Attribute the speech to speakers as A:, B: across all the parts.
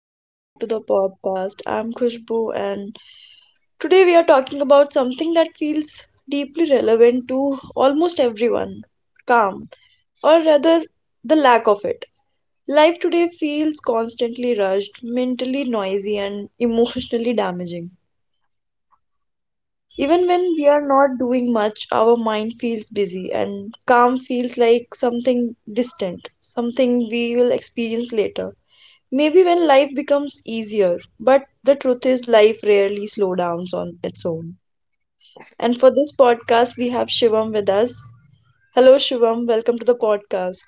A: welcome back to the podcast. I'm Khushbu and today we are talking about something that feels deeply relevant to almost everyone: calm, or rather, the lack of it. Life today feels constantly rushed, mentally noisy, and emotionally damaging. Even when we are not doing much, our mind feels busy, and calm feels like something distant, something we will experience later. Maybe when life becomes easier, but the truth is life rarely slow downs on its own. And for this podcast, we have Shivam with us. Hello, Shivam. Welcome to the podcast.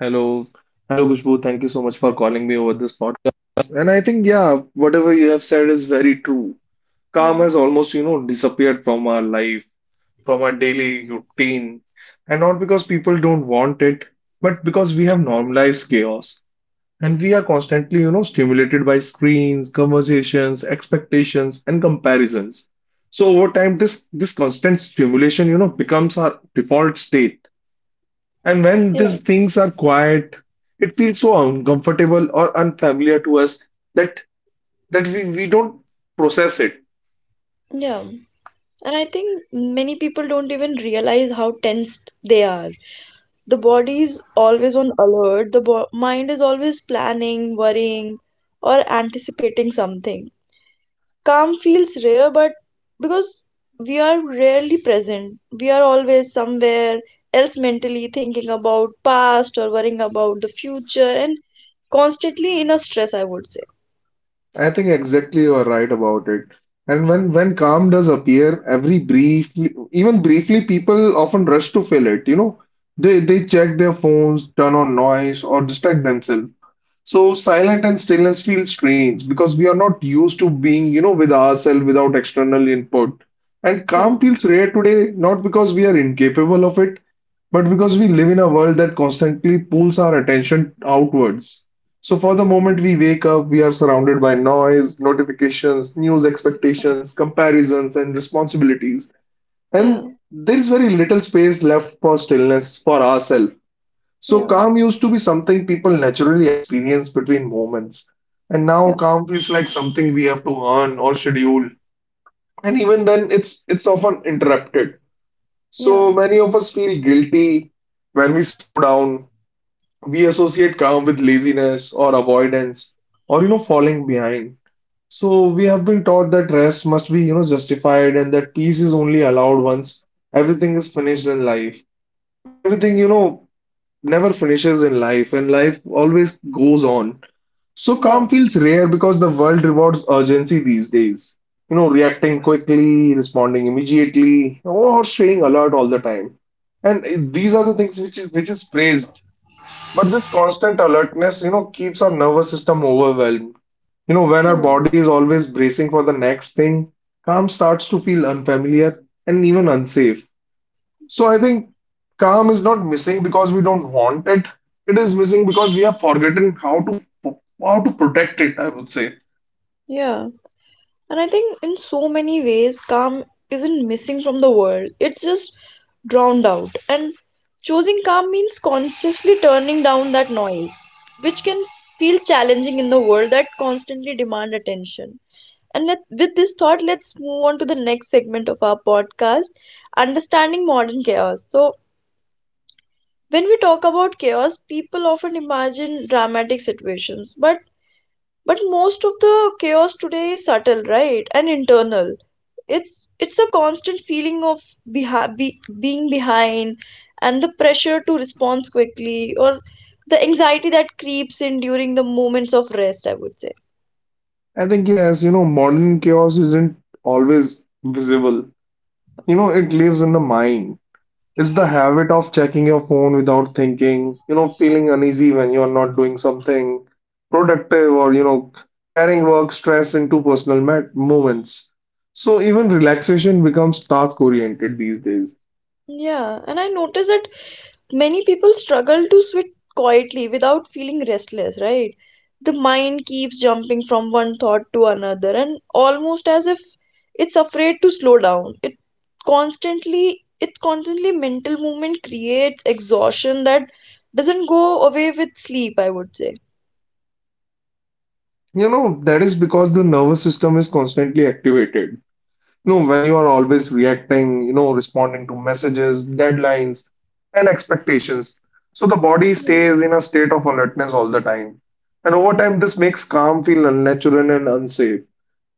B: Hello. Hello, Kushbu. Thank you so much for calling me over this podcast. And I think, yeah, whatever you have said is very true. Calm
A: Yeah,
B: has almost, you know, disappeared from our life, from our daily routine. And not because people don't want it, but because we have normalized chaos. And we are constantly, you know, stimulated by screens, conversations, expectations, and comparisons. So over time, this constant stimulation, you know, becomes our default state. And when
A: yeah,
B: these things are quiet, it feels so uncomfortable or unfamiliar to us that that we don't process it.
A: yeah. And I think many people don't even realize how tensed they are. The body is always on alert. The mind is always planning, worrying, or anticipating something. Calm feels rare, but because we are rarely present, we are always somewhere else mentally, thinking about past or worrying about the future, and constantly in a stress, I would say.
B: I think exactly you are right about it. And when calm does appear, every briefly, even briefly, people often rush to fill it. You know, they check their phones, turn on noise, or distract themselves. So silent and stillness feel strange because we are not used to being, you know, with ourselves without external input. And
A: Yeah.
B: calm feels rare today, not because we are incapable of it, but because we live in a world that constantly pulls our attention outwards. So for the moment
A: Mm.
B: we wake up, we are surrounded by noise, notifications, news expectations, comparisons, and responsibilities.
A: Yeah,
B: And there is very little space left for stillness for ourselves. So
A: yeah,
B: calm used to be something people naturally experience between moments, and now
A: yeah,
B: calm feels like something we have to earn or schedule. And even then, it's often interrupted.
A: yeah,
B: So many of us feel guilty when we slow down. We associate calm with laziness or avoidance or, you know, falling behind. So we have been taught that rest must be, you know, justified and that peace is only allowed once everything is finished in life. But everything, you know, never finishes in life and life always goes on. So
A: yeah,
B: calm feels rare because the world rewards urgency these days. You know, reacting quickly, responding immediately, or staying alert all the time. These are the things which is praised. But this constant alertness, you know, keeps our nervous system overwhelmed. You know, when
A: yeah,
B: our body is always bracing for the next thing, calm starts to feel unfamiliar and even unsafe. So I think calm is not missing because we don't want it. It is missing because we have forgotten how to protect it, I would say.
A: yeah. And I think in so many ways, calm isn't missing from the world, it's just drowned out. And choosing calm means consciously turning down that noise, which can feel challenging in the world that constantly demand attention. And let, with this thought, let's move on to the next segment of our podcast, understanding modern chaos. So, when we talk about chaos, people often imagine dramatic situations, but most of the chaos today is subtle, right, and internal. It's a constant feeling of being behind, and the pressure to respond quickly, or the anxiety that creeps in during the moments of rest, I would say.
B: I think yes, you know, modern chaos isn't always visible. You know, it lives in the mind. It's the habit of checking your phone without thinking, you know, feeling uneasy when you're not doing something productive or, you know, carrying work stress into moments. So even relaxation becomes task oriented these days.
A: Yeah, and I noticed that many people struggle to sit quietly without feeling restless, right? The mind keeps jumping from one thought to another, and almost as if it's afraid to slow down. It Its constantly mental movement creates exhaustion that doesn't go away with sleep, I would say.
B: You know, that is because the nervous system is constantly activated. No, when you are always reacting, you know, responding to messages, deadlines, and expectations. So the body
A: Mm.
B: stays in a state of alertness all the time. And over time, this makes calm feel unnatural and unsafe.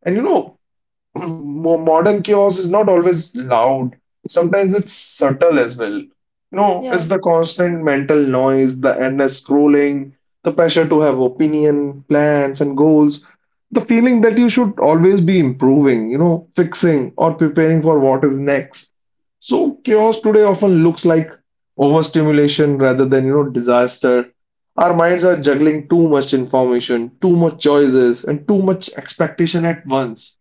B: And you know, modern chaos is not always loud. Sometimes it's subtle as well. You know,
A: Yeah,
B: it's the constant mental noise, the endless scrolling, the pressure to have opinion, plans, and goals, the feeling that you should always be improving, you know, fixing or preparing for what is next. So chaos today often looks like overstimulation rather than, you know, disaster. Our minds are juggling too much information, too much choices, and too much expectation at once.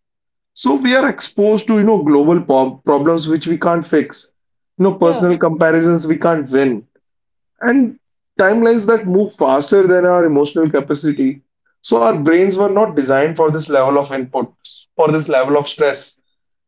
B: So we are exposed to, you know, global problems which we can't fix. You know,
A: yeah,
B: personal comparisons we can't win and timelines that move faster than our emotional capacity. So our brains were not designed for this level of input, for this level of stress.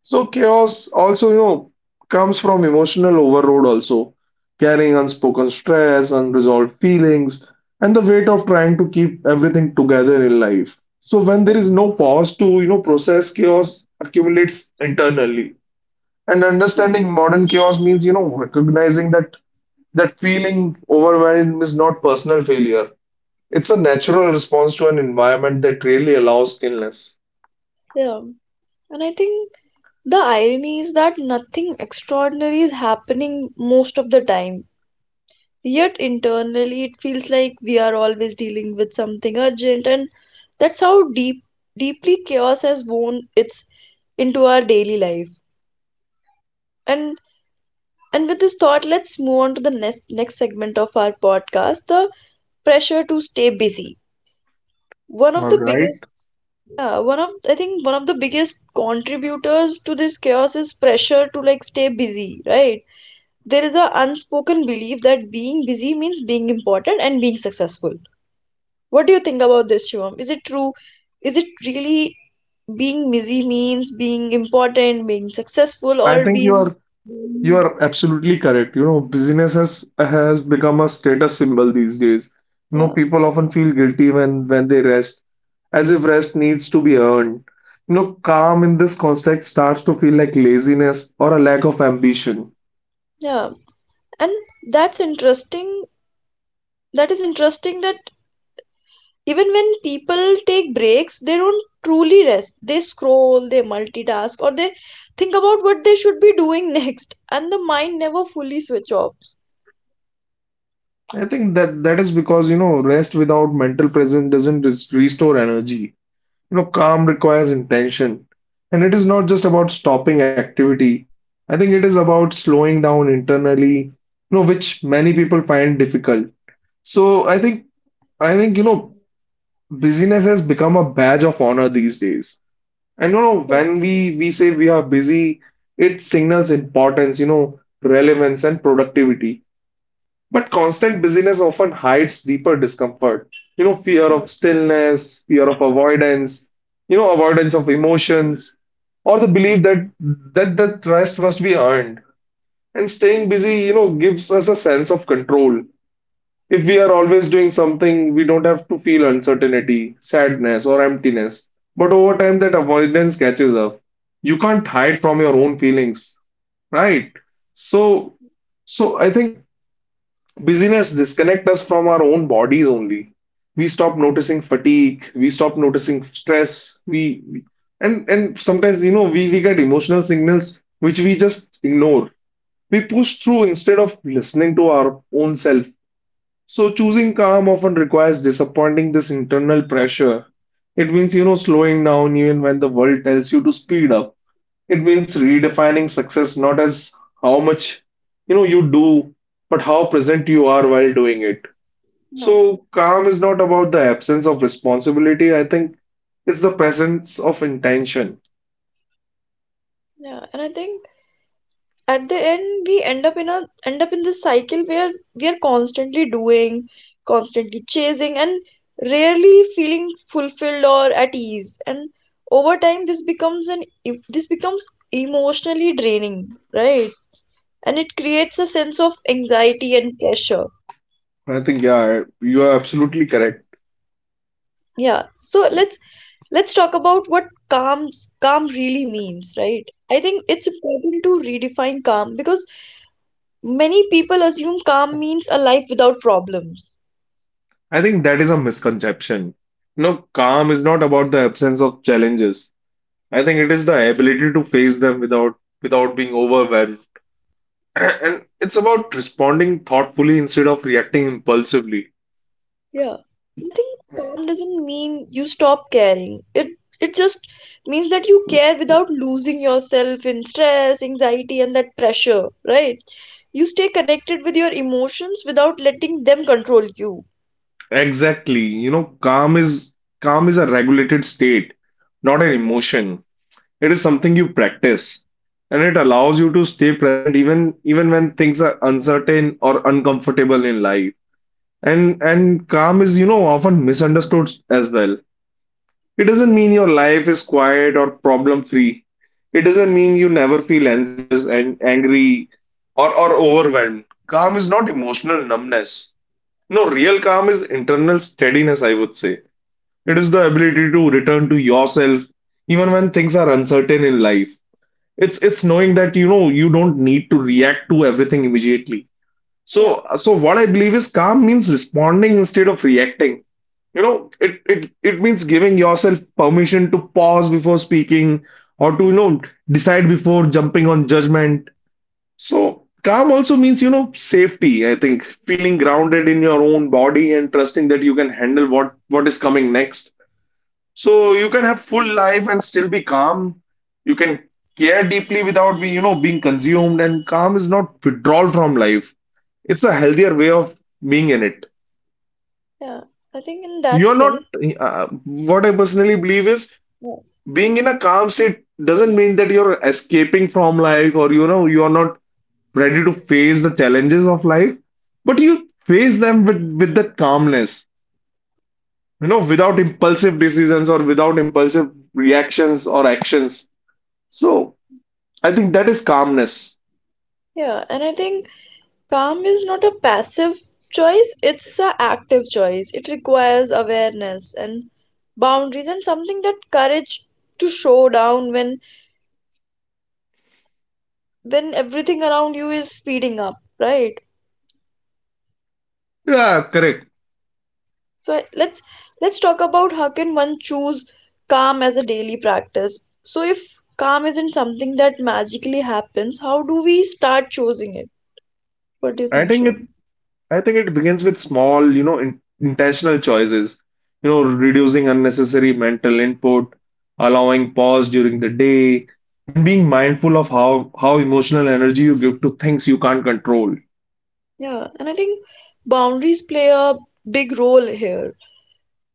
B: So chaos also, you know, comes from emotional overload also, carrying unspoken stress, unresolved feelings, and the weight of trying to keep everything together in life. So when there
A: yeah.
B: is no pause to, you know, process chaos accumulates internally. And understanding modern chaos means, you know, recognizing that feeling overwhelmed is not personal failure. It's a natural response to an environment that really allows stillness.
A: Yeah. And I think the irony is that nothing extraordinary is happening most of the time. Yet internally, it feels like we are always dealing with something urgent, and that's how deep, deeply chaos has worn its into our daily life. And and with this thought, let's move on to the next segment of our podcast: the pressure to stay busy. One of
B: All
A: the
B: right.
A: biggest, yeah, one of, I think one of the biggest contributors to this chaos is pressure to like stay busy, right? There is a unspoken belief that being busy means being important and being successful. What do you think about this, Shivam? Is it true? Is it really being busy means being important, being successful,
B: I
A: or
B: think
A: being
B: you
A: rude?
B: are absolutely correct. You know, busyness has become a status symbol these days. You know,
A: Yeah,
B: people often feel guilty when they rest, as if rest needs to be earned. You know, calm in this context starts to feel like laziness or a lack of ambition.
A: yeah. And that's interesting. That is interesting that even when people take breaks, they don't truly rest. They scroll, they multitask, or they think about what they should be doing next, and the mind never fully switch off.
B: I think that is because, you know, rest without mental presence doesn't res- restore energy. You know, calm requires intention. And it is not just about stopping activity. I think it is about slowing down internally, you know, which many people find difficult. So, you know, busyness has become a badge of honor these days. And you know,
A: Yeah,
B: when we say we are busy, it signals importance, you know, relevance and productivity. But constant busyness often hides deeper discomfort. You know, fear of
A: yes.
B: stillness, fear of avoidance, you know, avoidance of emotions, or the belief that the trust must be earned. And staying busy, you know, gives us a sense of control. If we are always doing something, we don't have to feel uncertainty, sadness, or emptiness. But over time, that avoidance catches up. You can't hide from your own feelings, right? So, so I think Busyness disconnect us from our own bodies only. We stop noticing fatigue, we stop noticing stress, and sometimes, you know, we get emotional signals which we just ignore. We push through instead of listening to our own self. So choosing calm often requires disappointing this internal pressure. It means, you know, slowing down even when the world tells you to speed up. It means redefining success not as how much, you know, you do, but how present you are while doing it.
A: Yeah,
B: So calm is not about the absence of responsibility. I think it's the presence of intention.
A: yeah. And I think at the end we end up in this cycle where we are constantly doing, constantly chasing, and rarely feeling fulfilled or at ease, and over time this becomes an this becomes emotionally draining, right, and it creates a sense of anxiety and pressure.
B: I think yeah, you are absolutely correct.
A: Yeah, so let's talk about what calm really means, right? I think it's important to redefine calm because many people assume calm means a life without problems.
B: I think that is a misconception. No, calm is not about the absence of challenges. I think it is the ability to face them without being overwhelmed. And it's about responding thoughtfully instead of reacting impulsively.
A: Yeah, I think calm doesn't mean you stop caring. It just means that you care without losing yourself in stress, anxiety, and that pressure, right? You stay connected with your emotions without letting them control you.
B: Exactly. You know, calm is a regulated state, not an emotion. It is something you practice, and it allows you to stay present even when things are uncertain or uncomfortable in life. And calm is, you know, often misunderstood as well. It doesn't mean your life is quiet or problem free. It doesn't mean you never feel anxious and angry or overwhelmed. Calm is not emotional numbness. No, real calm is internal steadiness, I would say. It is the ability to return to yourself even when things are uncertain in life. It's knowing that, you know, you don't need to react to everything immediately.
A: Yeah,
B: So, so what I believe is calm means responding instead of reacting. You know, it means giving yourself permission to pause before speaking or to, you know, decide before jumping on judgment. So calm also means, you know, safety, I think, feeling grounded in your own body and trusting that you can handle what is coming next so you can have full life and still be calm. You can care deeply without being, you know, being consumed. And calm is not withdrawal from life. It's a healthier way of being in it.
A: yeah. I think in that
B: You're not,
A: sense,
B: What I personally believe is
A: yeah,
B: being in a calm state doesn't mean that you're escaping from life or, you know, you're not ready to face the challenges of life, but you face them with, that calmness, you know, without impulsive decisions or without impulsive reactions or actions. So I think that is calmness.
A: yeah. And I think calm is not a passive choice; it's an active choice. It requires awareness and boundaries and something that courage to show down when everything around you is speeding up, right?
B: Yeah, correct.
A: So let's talk about how can one choose calm as a daily practice. So if calm isn't something that magically happens, how do we start choosing it? What do you
B: I
A: think,
B: think it
A: Shum?
B: I think it begins with small, you know, intentional choices. You know, reducing unnecessary mental input, allowing pause during the day, and being mindful of how emotional energy you give to things you can't control.
A: Yeah, and I think boundaries play a big role here.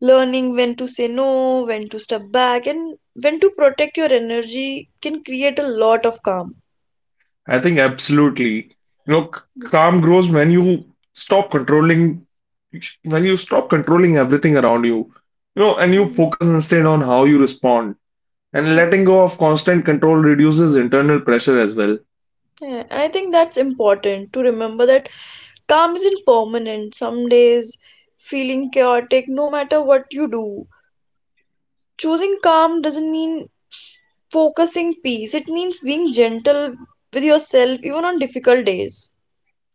A: Learning when to say no, when to step back, and when to protect your energy can create a lot of calm.
B: I think absolutely. You know, calm grows when you stop controlling when you stop controlling everything around you. You know, and you
A: Mm.
B: focus instead on how you respond. And letting go of constant control reduces internal pressure as well.
A: Yeah, I think that's important to remember that calm isn't permanent. Some days feeling chaotic, no matter what you do. Choosing calm doesn't mean focusing peace, it means being gentle with yourself even on difficult days.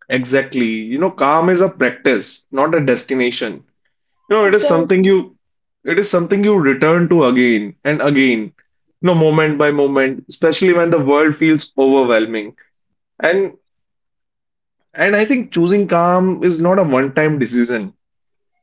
B: Exactly. You know, calm is a practice, not a destination. You know, it is something
A: Exactly.
B: you it is something you return to again and again, you know, moment by moment, especially when the world feels overwhelming. And and I think choosing calm is not a one-time decision.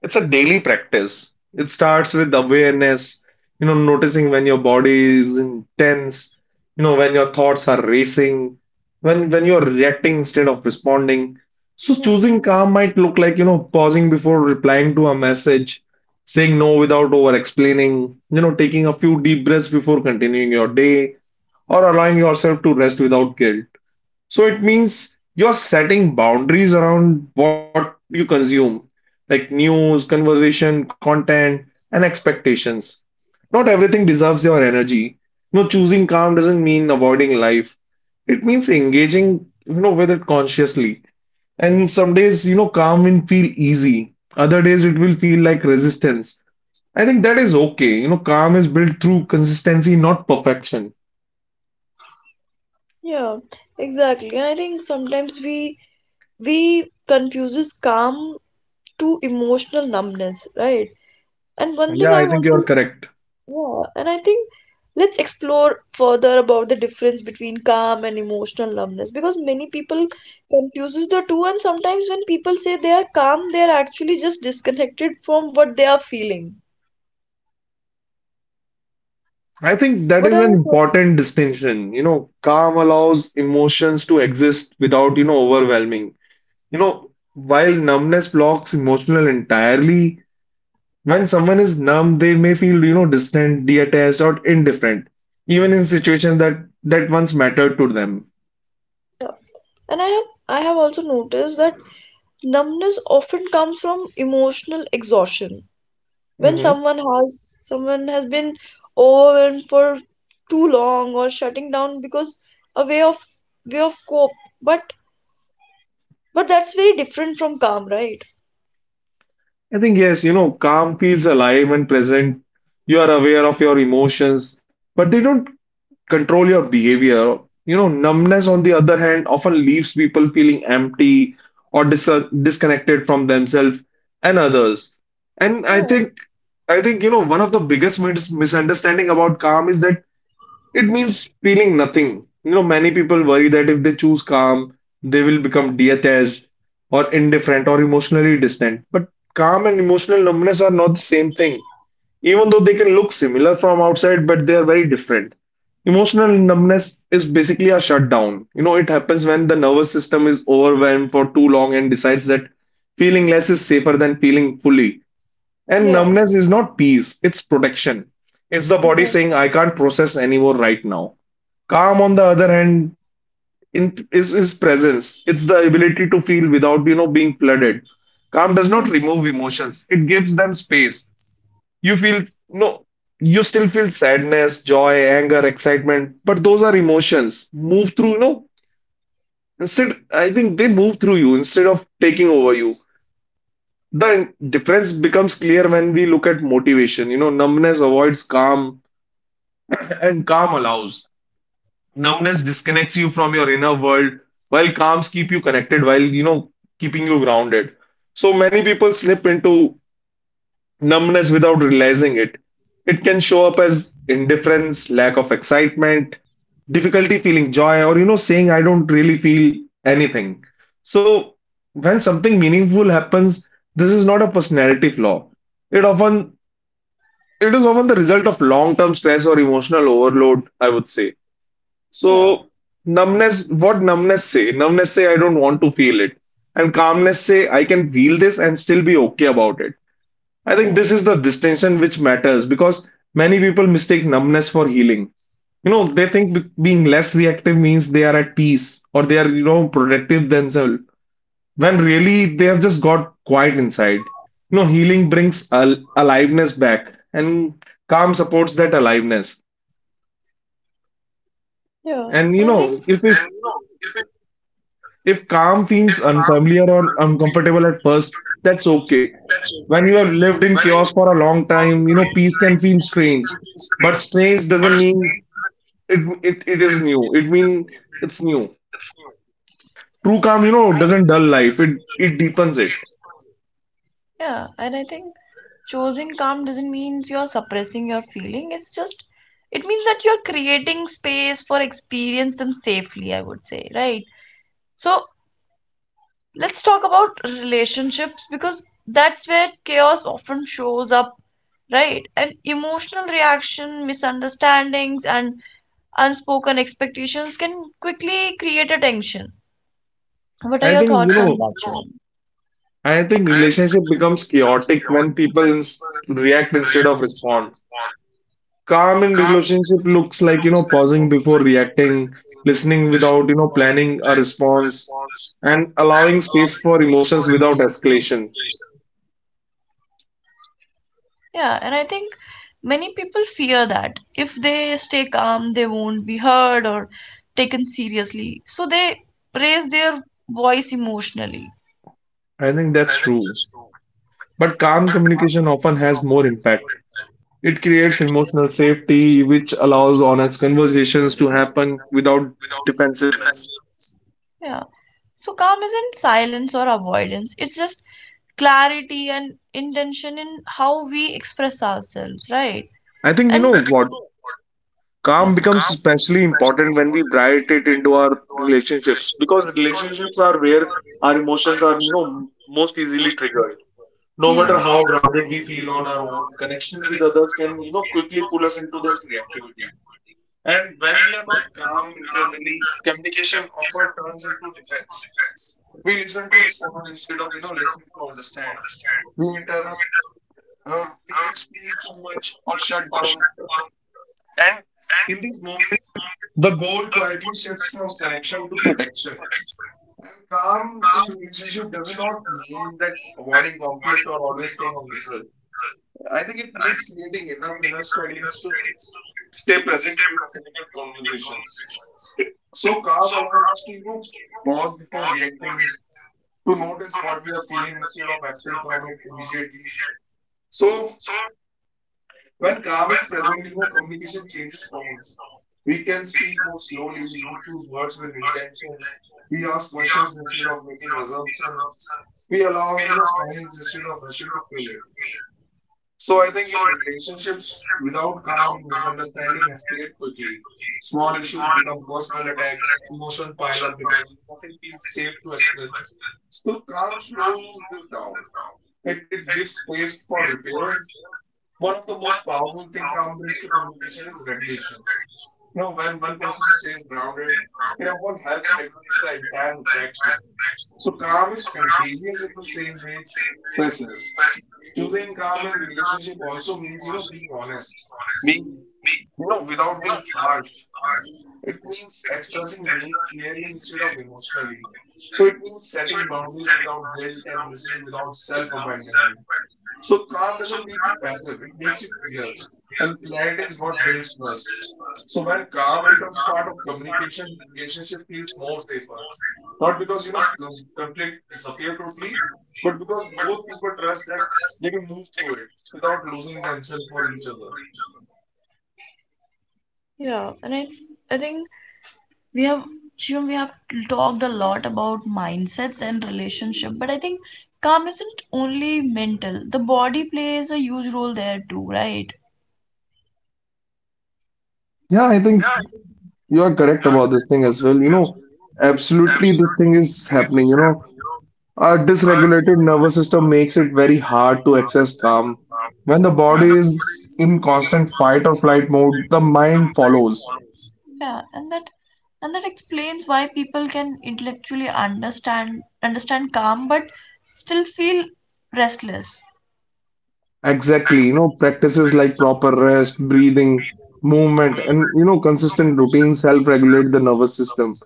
B: It's a daily practice. It starts with awareness, you know, noticing when your body is intense, you know, when your thoughts are racing, when you're reacting instead of responding. So
A: Yeah,
B: choosing calm might look like, you know, pausing before replying to a message, saying no without over explaining, you know, taking a few deep breaths before continuing your day, or allowing yourself to rest without guilt. So it means you're setting boundaries around what you consume, like news, conversation, content, and expectations. Not everything deserves your energy. No, choosing calm doesn't mean avoiding life. It means engaging, with it consciously. And some days, calm will feel easy. Other days, it will feel like resistance. I think that is okay. Calm is built through consistency, not perfection.
A: yeah, exactly. And I think sometimes we confuses calm to emotional numbness, right? And one thing
B: Yeah,
A: I
B: I think
A: want
B: you're
A: to,
B: correct.
A: yeah, and I think let's explore further about the difference between calm and emotional numbness, because many people confuses the two, and sometimes when people say they are calm, they are actually just disconnected from what they are feeling.
B: I think
A: What
B: that
A: are
B: is
A: your
B: an
A: thoughts?
B: important distinction. Calm allows emotions to exist without overwhelming. You know, while numbness blocks emotional entirely, when someone is numb, they may feel, distant, detached, or indifferent, even in situations that once mattered to them.
A: And I have also noticed that numbness often comes from emotional exhaustion. When
B: Hmm.
A: someone has been overwhelmed for too long, or shutting down because a way of cope, but But that's very different from calm, right?
B: I think yes, calm feels alive and present. You are aware of your emotions, but they don't control your behavior. Numbness, on the other hand, often leaves people feeling empty or disconnected from themselves and others. And I
A: Yeah,
B: think, I think, one of the biggest misunderstanding about calm is that it means feeling nothing. You know, many people worry that if they choose calm, they will become detached or indifferent or emotionally distant. But calm and emotional numbness are not the same thing even though they can look similar from outside, but they are very different. Emotional numbness is basically a shutdown. You know, it happens when the nervous system is overwhelmed for too long and decides that feeling less is safer than feeling fully. And
A: yeah,
B: numbness is not peace, it's protection. It's the body saying,
A: exactly.
B: I can't process anymore right now. Calm, on the other hand, is presence. It's the ability to feel without being flooded. Calm does not
A: And
B: remove emotions. It gives them space. You feel no, You still feel sadness, joy, anger, excitement, but those are emotions move through, you know. Instead, I think they move through you instead of taking over you. The difference becomes clear when we look at motivation. You know, numbness avoids calm and calm allows. Numbness disconnects you from your inner world, while calms keep you connected, keeping you grounded. So many people slip into numbness without realizing it. It can show up as indifference, lack of excitement, difficulty feeling joy, or saying I don't really feel anything. So, when something meaningful happens, this is not a personality flaw. It often it is often the result of long-term stress or emotional overload, I would say. So,
A: yeah,
B: numbness, what numbness say? Numbness say I don't want to feel it. And calmness say I can feel this and still be okay about it. I think this
A: yeah,
B: is the distinction which matters because many people mistake numbness for healing. You know, they think being less reactive means they are at peace or they are, protective themselves, when really they have just got quiet inside. You know, healing brings al aliveness back and calm supports that aliveness.
A: yeah. And I
B: And, you
A: think,
B: know, if we If calm feels unfamiliar or uncomfortable at first, that's okay. When you have lived in chaos for a long time, peace can feel strange. But strange doesn't mean it it is new. It means it's new. True calm, doesn't dull life. It deepens it.
A: yeah, and I think choosing calm doesn't mean you're suppressing your feeling. It's just, it means that you're creating space for experience them safely, I would say, right? So let's talk about relationships because that's where chaos often shows up, right? And emotional reaction, misunderstandings, and unspoken expectations can quickly create a tension. What are
B: I
A: your
B: think, you
A: thoughts on
B: know,
A: that, Shivam?
B: I think relationship becomes chaotic when people react instead of respond. Calm in relationship looks like, pausing before reacting, listening without planning a response, and allowing space for emotions without escalation.
A: Yeah, and I think many people fear that if they stay calm, they won't be heard or taken seriously. So they raise their voice emotionally.
B: I think that's true. But calm communication often has more impact. It creates emotional safety, which allows honest conversations to happen without defensiveness.
A: Yeah. So calm isn't silence or avoidance, it's just clarity and intention in how we express ourselves, right?
B: I think you
A: And
B: know what?
A: yeah.
B: Calm becomes especially important when we bright it into our relationships because relationships are where our emotions are, most easily triggered. No
A: Yeah.
B: matter how grounded we feel on our own, connection with others can, quickly pull us into that reactivity. And when we are not calm internally, communication often turns into defense. We listen to respond instead of, listening to understand. We interrupt, we explain too much or shut down. And in these moments, the goal quietly shifts from connection to protection. And calm in relationship does not mean that avoiding conflict or always staying neutral. I think it means creating enough inner steadiness to stay present during difficult conversations. So calm allows us to, pause before reacting, to notice what we are feeling instead of acting from it immediately. So when calm is present, communication changes tone. We can speak more slowly. We choose words with intention. We ask questions instead of making assumptions. We allow, silence instead of rushing to fill it. So I think in relationships, without calm, misunderstanding escalate quickly. Small issues become personal attacks. Emotion pile up because nothing feels safe to express. So calm slows this down. It gives space for repair. One of the most powerful thing calm brings to communication is regulation know, when one person stays grounded, what helps regulate the entire interaction. So calm is contagious in the same way stress is. Choosing calm in relationship also means, being honest, being without being harsh. It means expressing needs clearly instead of emotionally. So it means setting boundaries without guilt and listening without self-abandonment. So calm doesn't make you passive, it makes you clear. And clarity is what builds trust. So when calm becomes part of communication, relationship feels more safer. Not because conflict disappear totally, but because both people trust that they can move through it without losing themselves for each other.
A: Yeah. And I think we have, Shivam, we have talked a lot about mindsets and relationship, but I think calm isn't only mental. The body plays a huge role there too, right?
B: Yeah, I think you are correct about this thing as well. You know, absolutely, this thing is happening. You know, a dysregulated nervous system makes it very hard to access calm. When the
A: Yeah,
B: body is
A: yeah.
B: in constant fight or flight mode, the mind follows.
A: Yeah, and that, and that explains why people can intellectually understand calm but still feel restless.
B: Exactly, practices like proper rest, breathing, movement, and consistent routines help regulate the nervous system.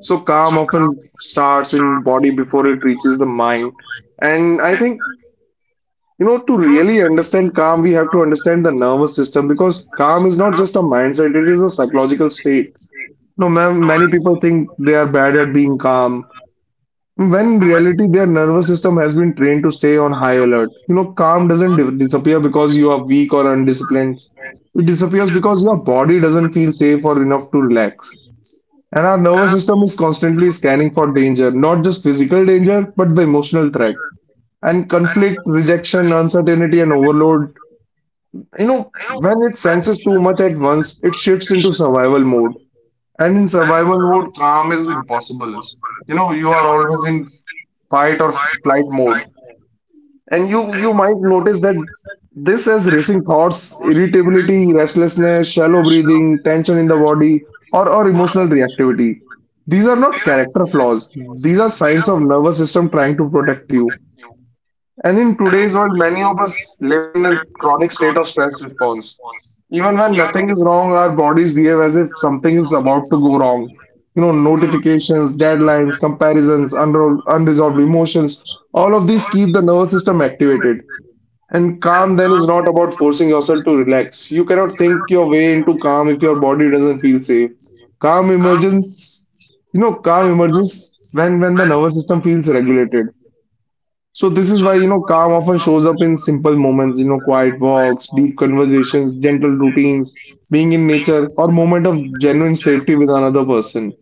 B: So calm often starts in body before it reaches the mind. And I think, you know, To really understand calm, we have to understand the nervous system because calm is not just a mindset, it is a psychological state. No, ma'am, many people think they are bad at being calm, when in reality their nervous system has been trained to stay on high alert. You know, calm doesn't disappear because you are weak or undisciplined. It disappears because your body doesn't feel safe or enough to relax. And our nervous system is constantly scanning for danger, not just physical danger, but the emotional threat. And conflict, rejection, uncertainty, and overload. You know, when it senses too much at once, it shifts into survival mode. And in survival mode, calm is impossible. You know, you are always in fight or flight mode. And you might notice that this has racing thoughts, irritability, restlessness, shallow breathing, tension in the body, or emotional reactivity. These are not character flaws. These are signs of nervous system trying to protect you. And in today's world, many of us live in a chronic state of stress response. Even when nothing is wrong, our bodies behave as if something is about to go wrong. You know, notifications, deadlines, comparisons, unresolved emotions, all of these keep the nervous system activated. And calm then is not about forcing yourself to relax. You cannot think your way into calm if your body doesn't feel safe. Calm emerges, Calm emerges when the nervous system feels regulated. So this is why, calm often shows up in simple moments, quiet walks, deep conversations, gentle routines, being in nature, or moment of genuine safety with another person.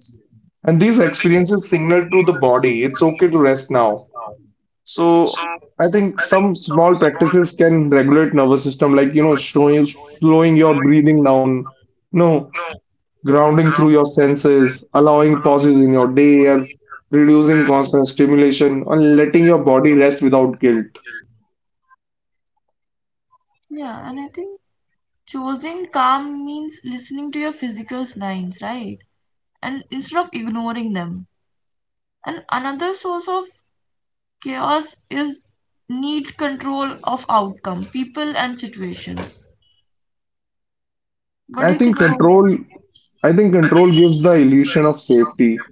B: And these experiences signal to the body, it's okay to rest now. So I think some small practices can regulate nervous system, like, slowing your breathing down, you know, grounding through your senses, allowing pauses in your day, or reducing constant stimulation, and letting your body rest without guilt.
A: Yeah, and I think choosing calm means listening to your physical signs, right? And instead of ignoring them. And another source of chaos is need control of outcome, people and situations. What
B: I
A: do you
B: think
A: think, I
B: control, I think
A: that?
B: control gives the illusion of safety,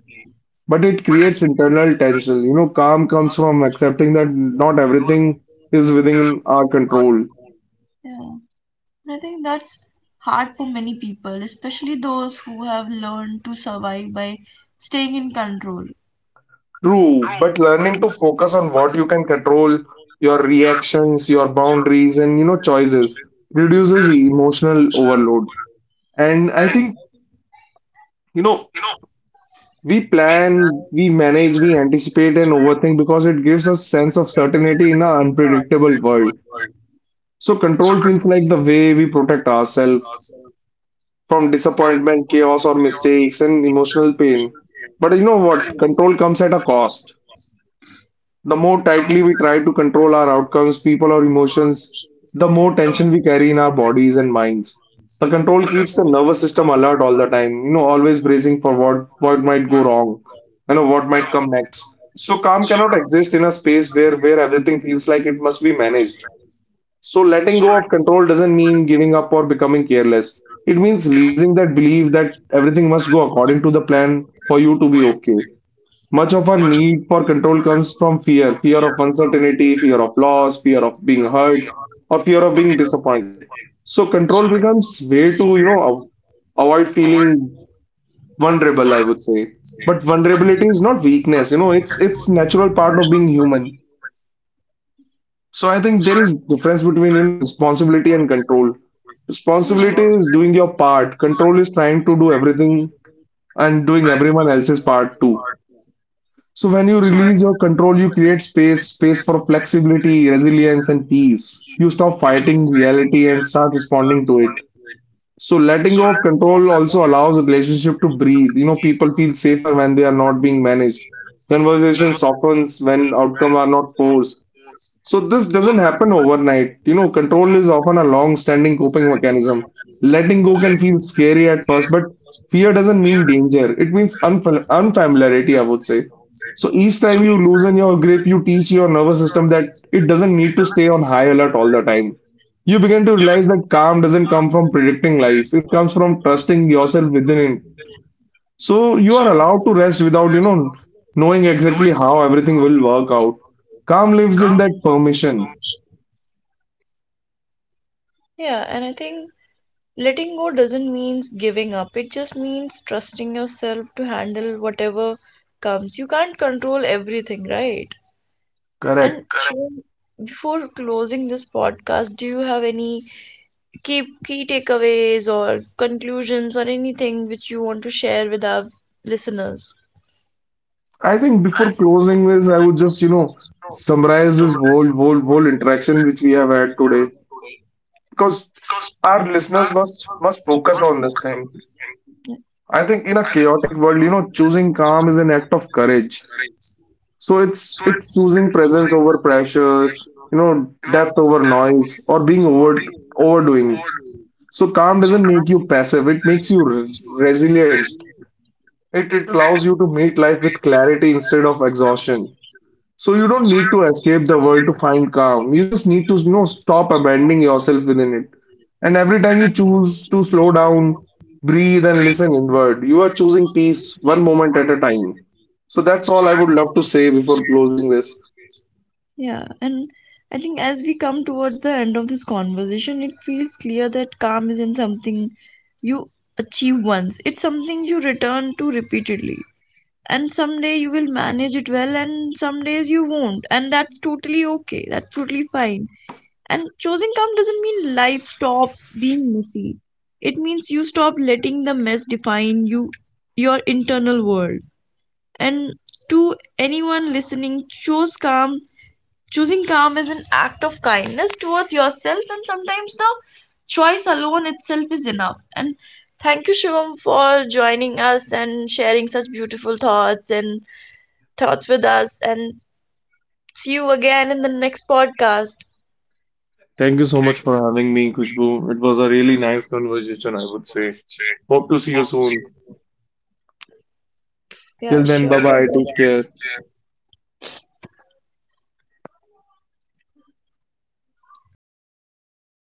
B: but it creates internal tension. You know, calm comes from accepting that not everything is within our control.
A: Yeah, I think that's hard for many people, especially those who have learned to survive by staying in control.
B: True, but learning to focus on what you can control, your reactions, your boundaries, and choices reduces emotional overload. And I think, you know, We plan, we manage, we anticipate and overthink because it gives us sense of certainty in an unpredictable world. So control feels like the way we protect ourselves from disappointment, chaos, or mistakes and emotional pain. But you know what? Control comes at a cost. The more tightly we try to control our outcomes, people, or emotions, the more tension we carry in our bodies and minds. The control keeps the nervous system alert all the time, always bracing for what might go wrong, what might come next. So calm cannot exist in a space where everything feels like it must be managed. So letting go of control doesn't mean giving up or becoming careless. It means releasing that belief that everything must go according to the plan for you to be okay. Much of our need for control comes from fear, fear of uncertainty, fear of loss, fear of being hurt, or fear of being disappointed. So control becomes way to, avoid feeling vulnerable, I would say. But vulnerability is not weakness, it's natural part of being human. So I think there is difference between, responsibility and control.
A: Yeah.
B: Responsibility is doing your part. Control is trying to do everything and doing everyone else's part too. So when you
A: Mm. I,
B: release your control, you create space, space for flexibility, resilience, and peace. You stop fighting reality and start responding to it. So letting go of control also allows a relationship to breathe. You know, people feel safer when they are not being managed. Conversation softens when outcome are not forced. So this doesn't happen overnight. You know, control is often a long-standing coping mechanism. Letting go can feel scary at first, but fear doesn't mean danger. It means unfamiliarity, I would say. So each time you loosen your grip, you teach your nervous system that it doesn't need to stay on high alert all the time. You begin to realize that calm doesn't come from predicting life. It comes from trusting yourself within it. So you are allowed to rest without knowing exactly how everything will work out. Calm lives in that permission.
A: yeah, and I think letting go doesn't mean giving up. It just means trusting yourself to handle whatever comes. You can't control everything, right? And
B: Correct.
A: Shivam, before closing this podcast, do you have any key takeaways or conclusions or anything which you want to share with our listeners?
B: I think before closing this, I would just, summarize this whole interaction which we have had today because our listeners must focus on this thing. I think in a chaotic world, choosing calm is an act of courage. So it's choosing presence over pressure, depth over noise, or being over overdoing. So calm doesn't make you passive, it makes you resilient. It allows you to meet life with clarity instead of exhaustion. So you
A: Yeah.
B: don't need to escape the world to find calm. You just need to, stop abandoning yourself within it. And every time you choose to slow down, breathe, and listen inward, you are choosing peace one moment at a time. So that's all I would love to say before closing this.
A: Heal. Yeah, and I think as we come towards the end of this conversation, it feels clear that calm isn't something you achieve once, it's something you return to repeatedly. And someday you will manage it well, and some days you won't, and that's totally okay, that's totally fine. And choosing calm doesn't mean life stops being messy. It means you stop letting the mess define you, your internal world. And to anyone listening, choose calm. Choosing calm is an act of kindness towards yourself, and sometimes the choice alone itself is enough. And thank you, Shivam, for joining us and sharing such beautiful thoughts with us. And see you again in the next podcast.
B: Thank you so much for having me, Kushbu. It was a really nice conversation, I would say. Hope to see you soon.
A: Yeah,
B: Till then,
A: sure.
B: bye bye. Take care.
A: Goodbye.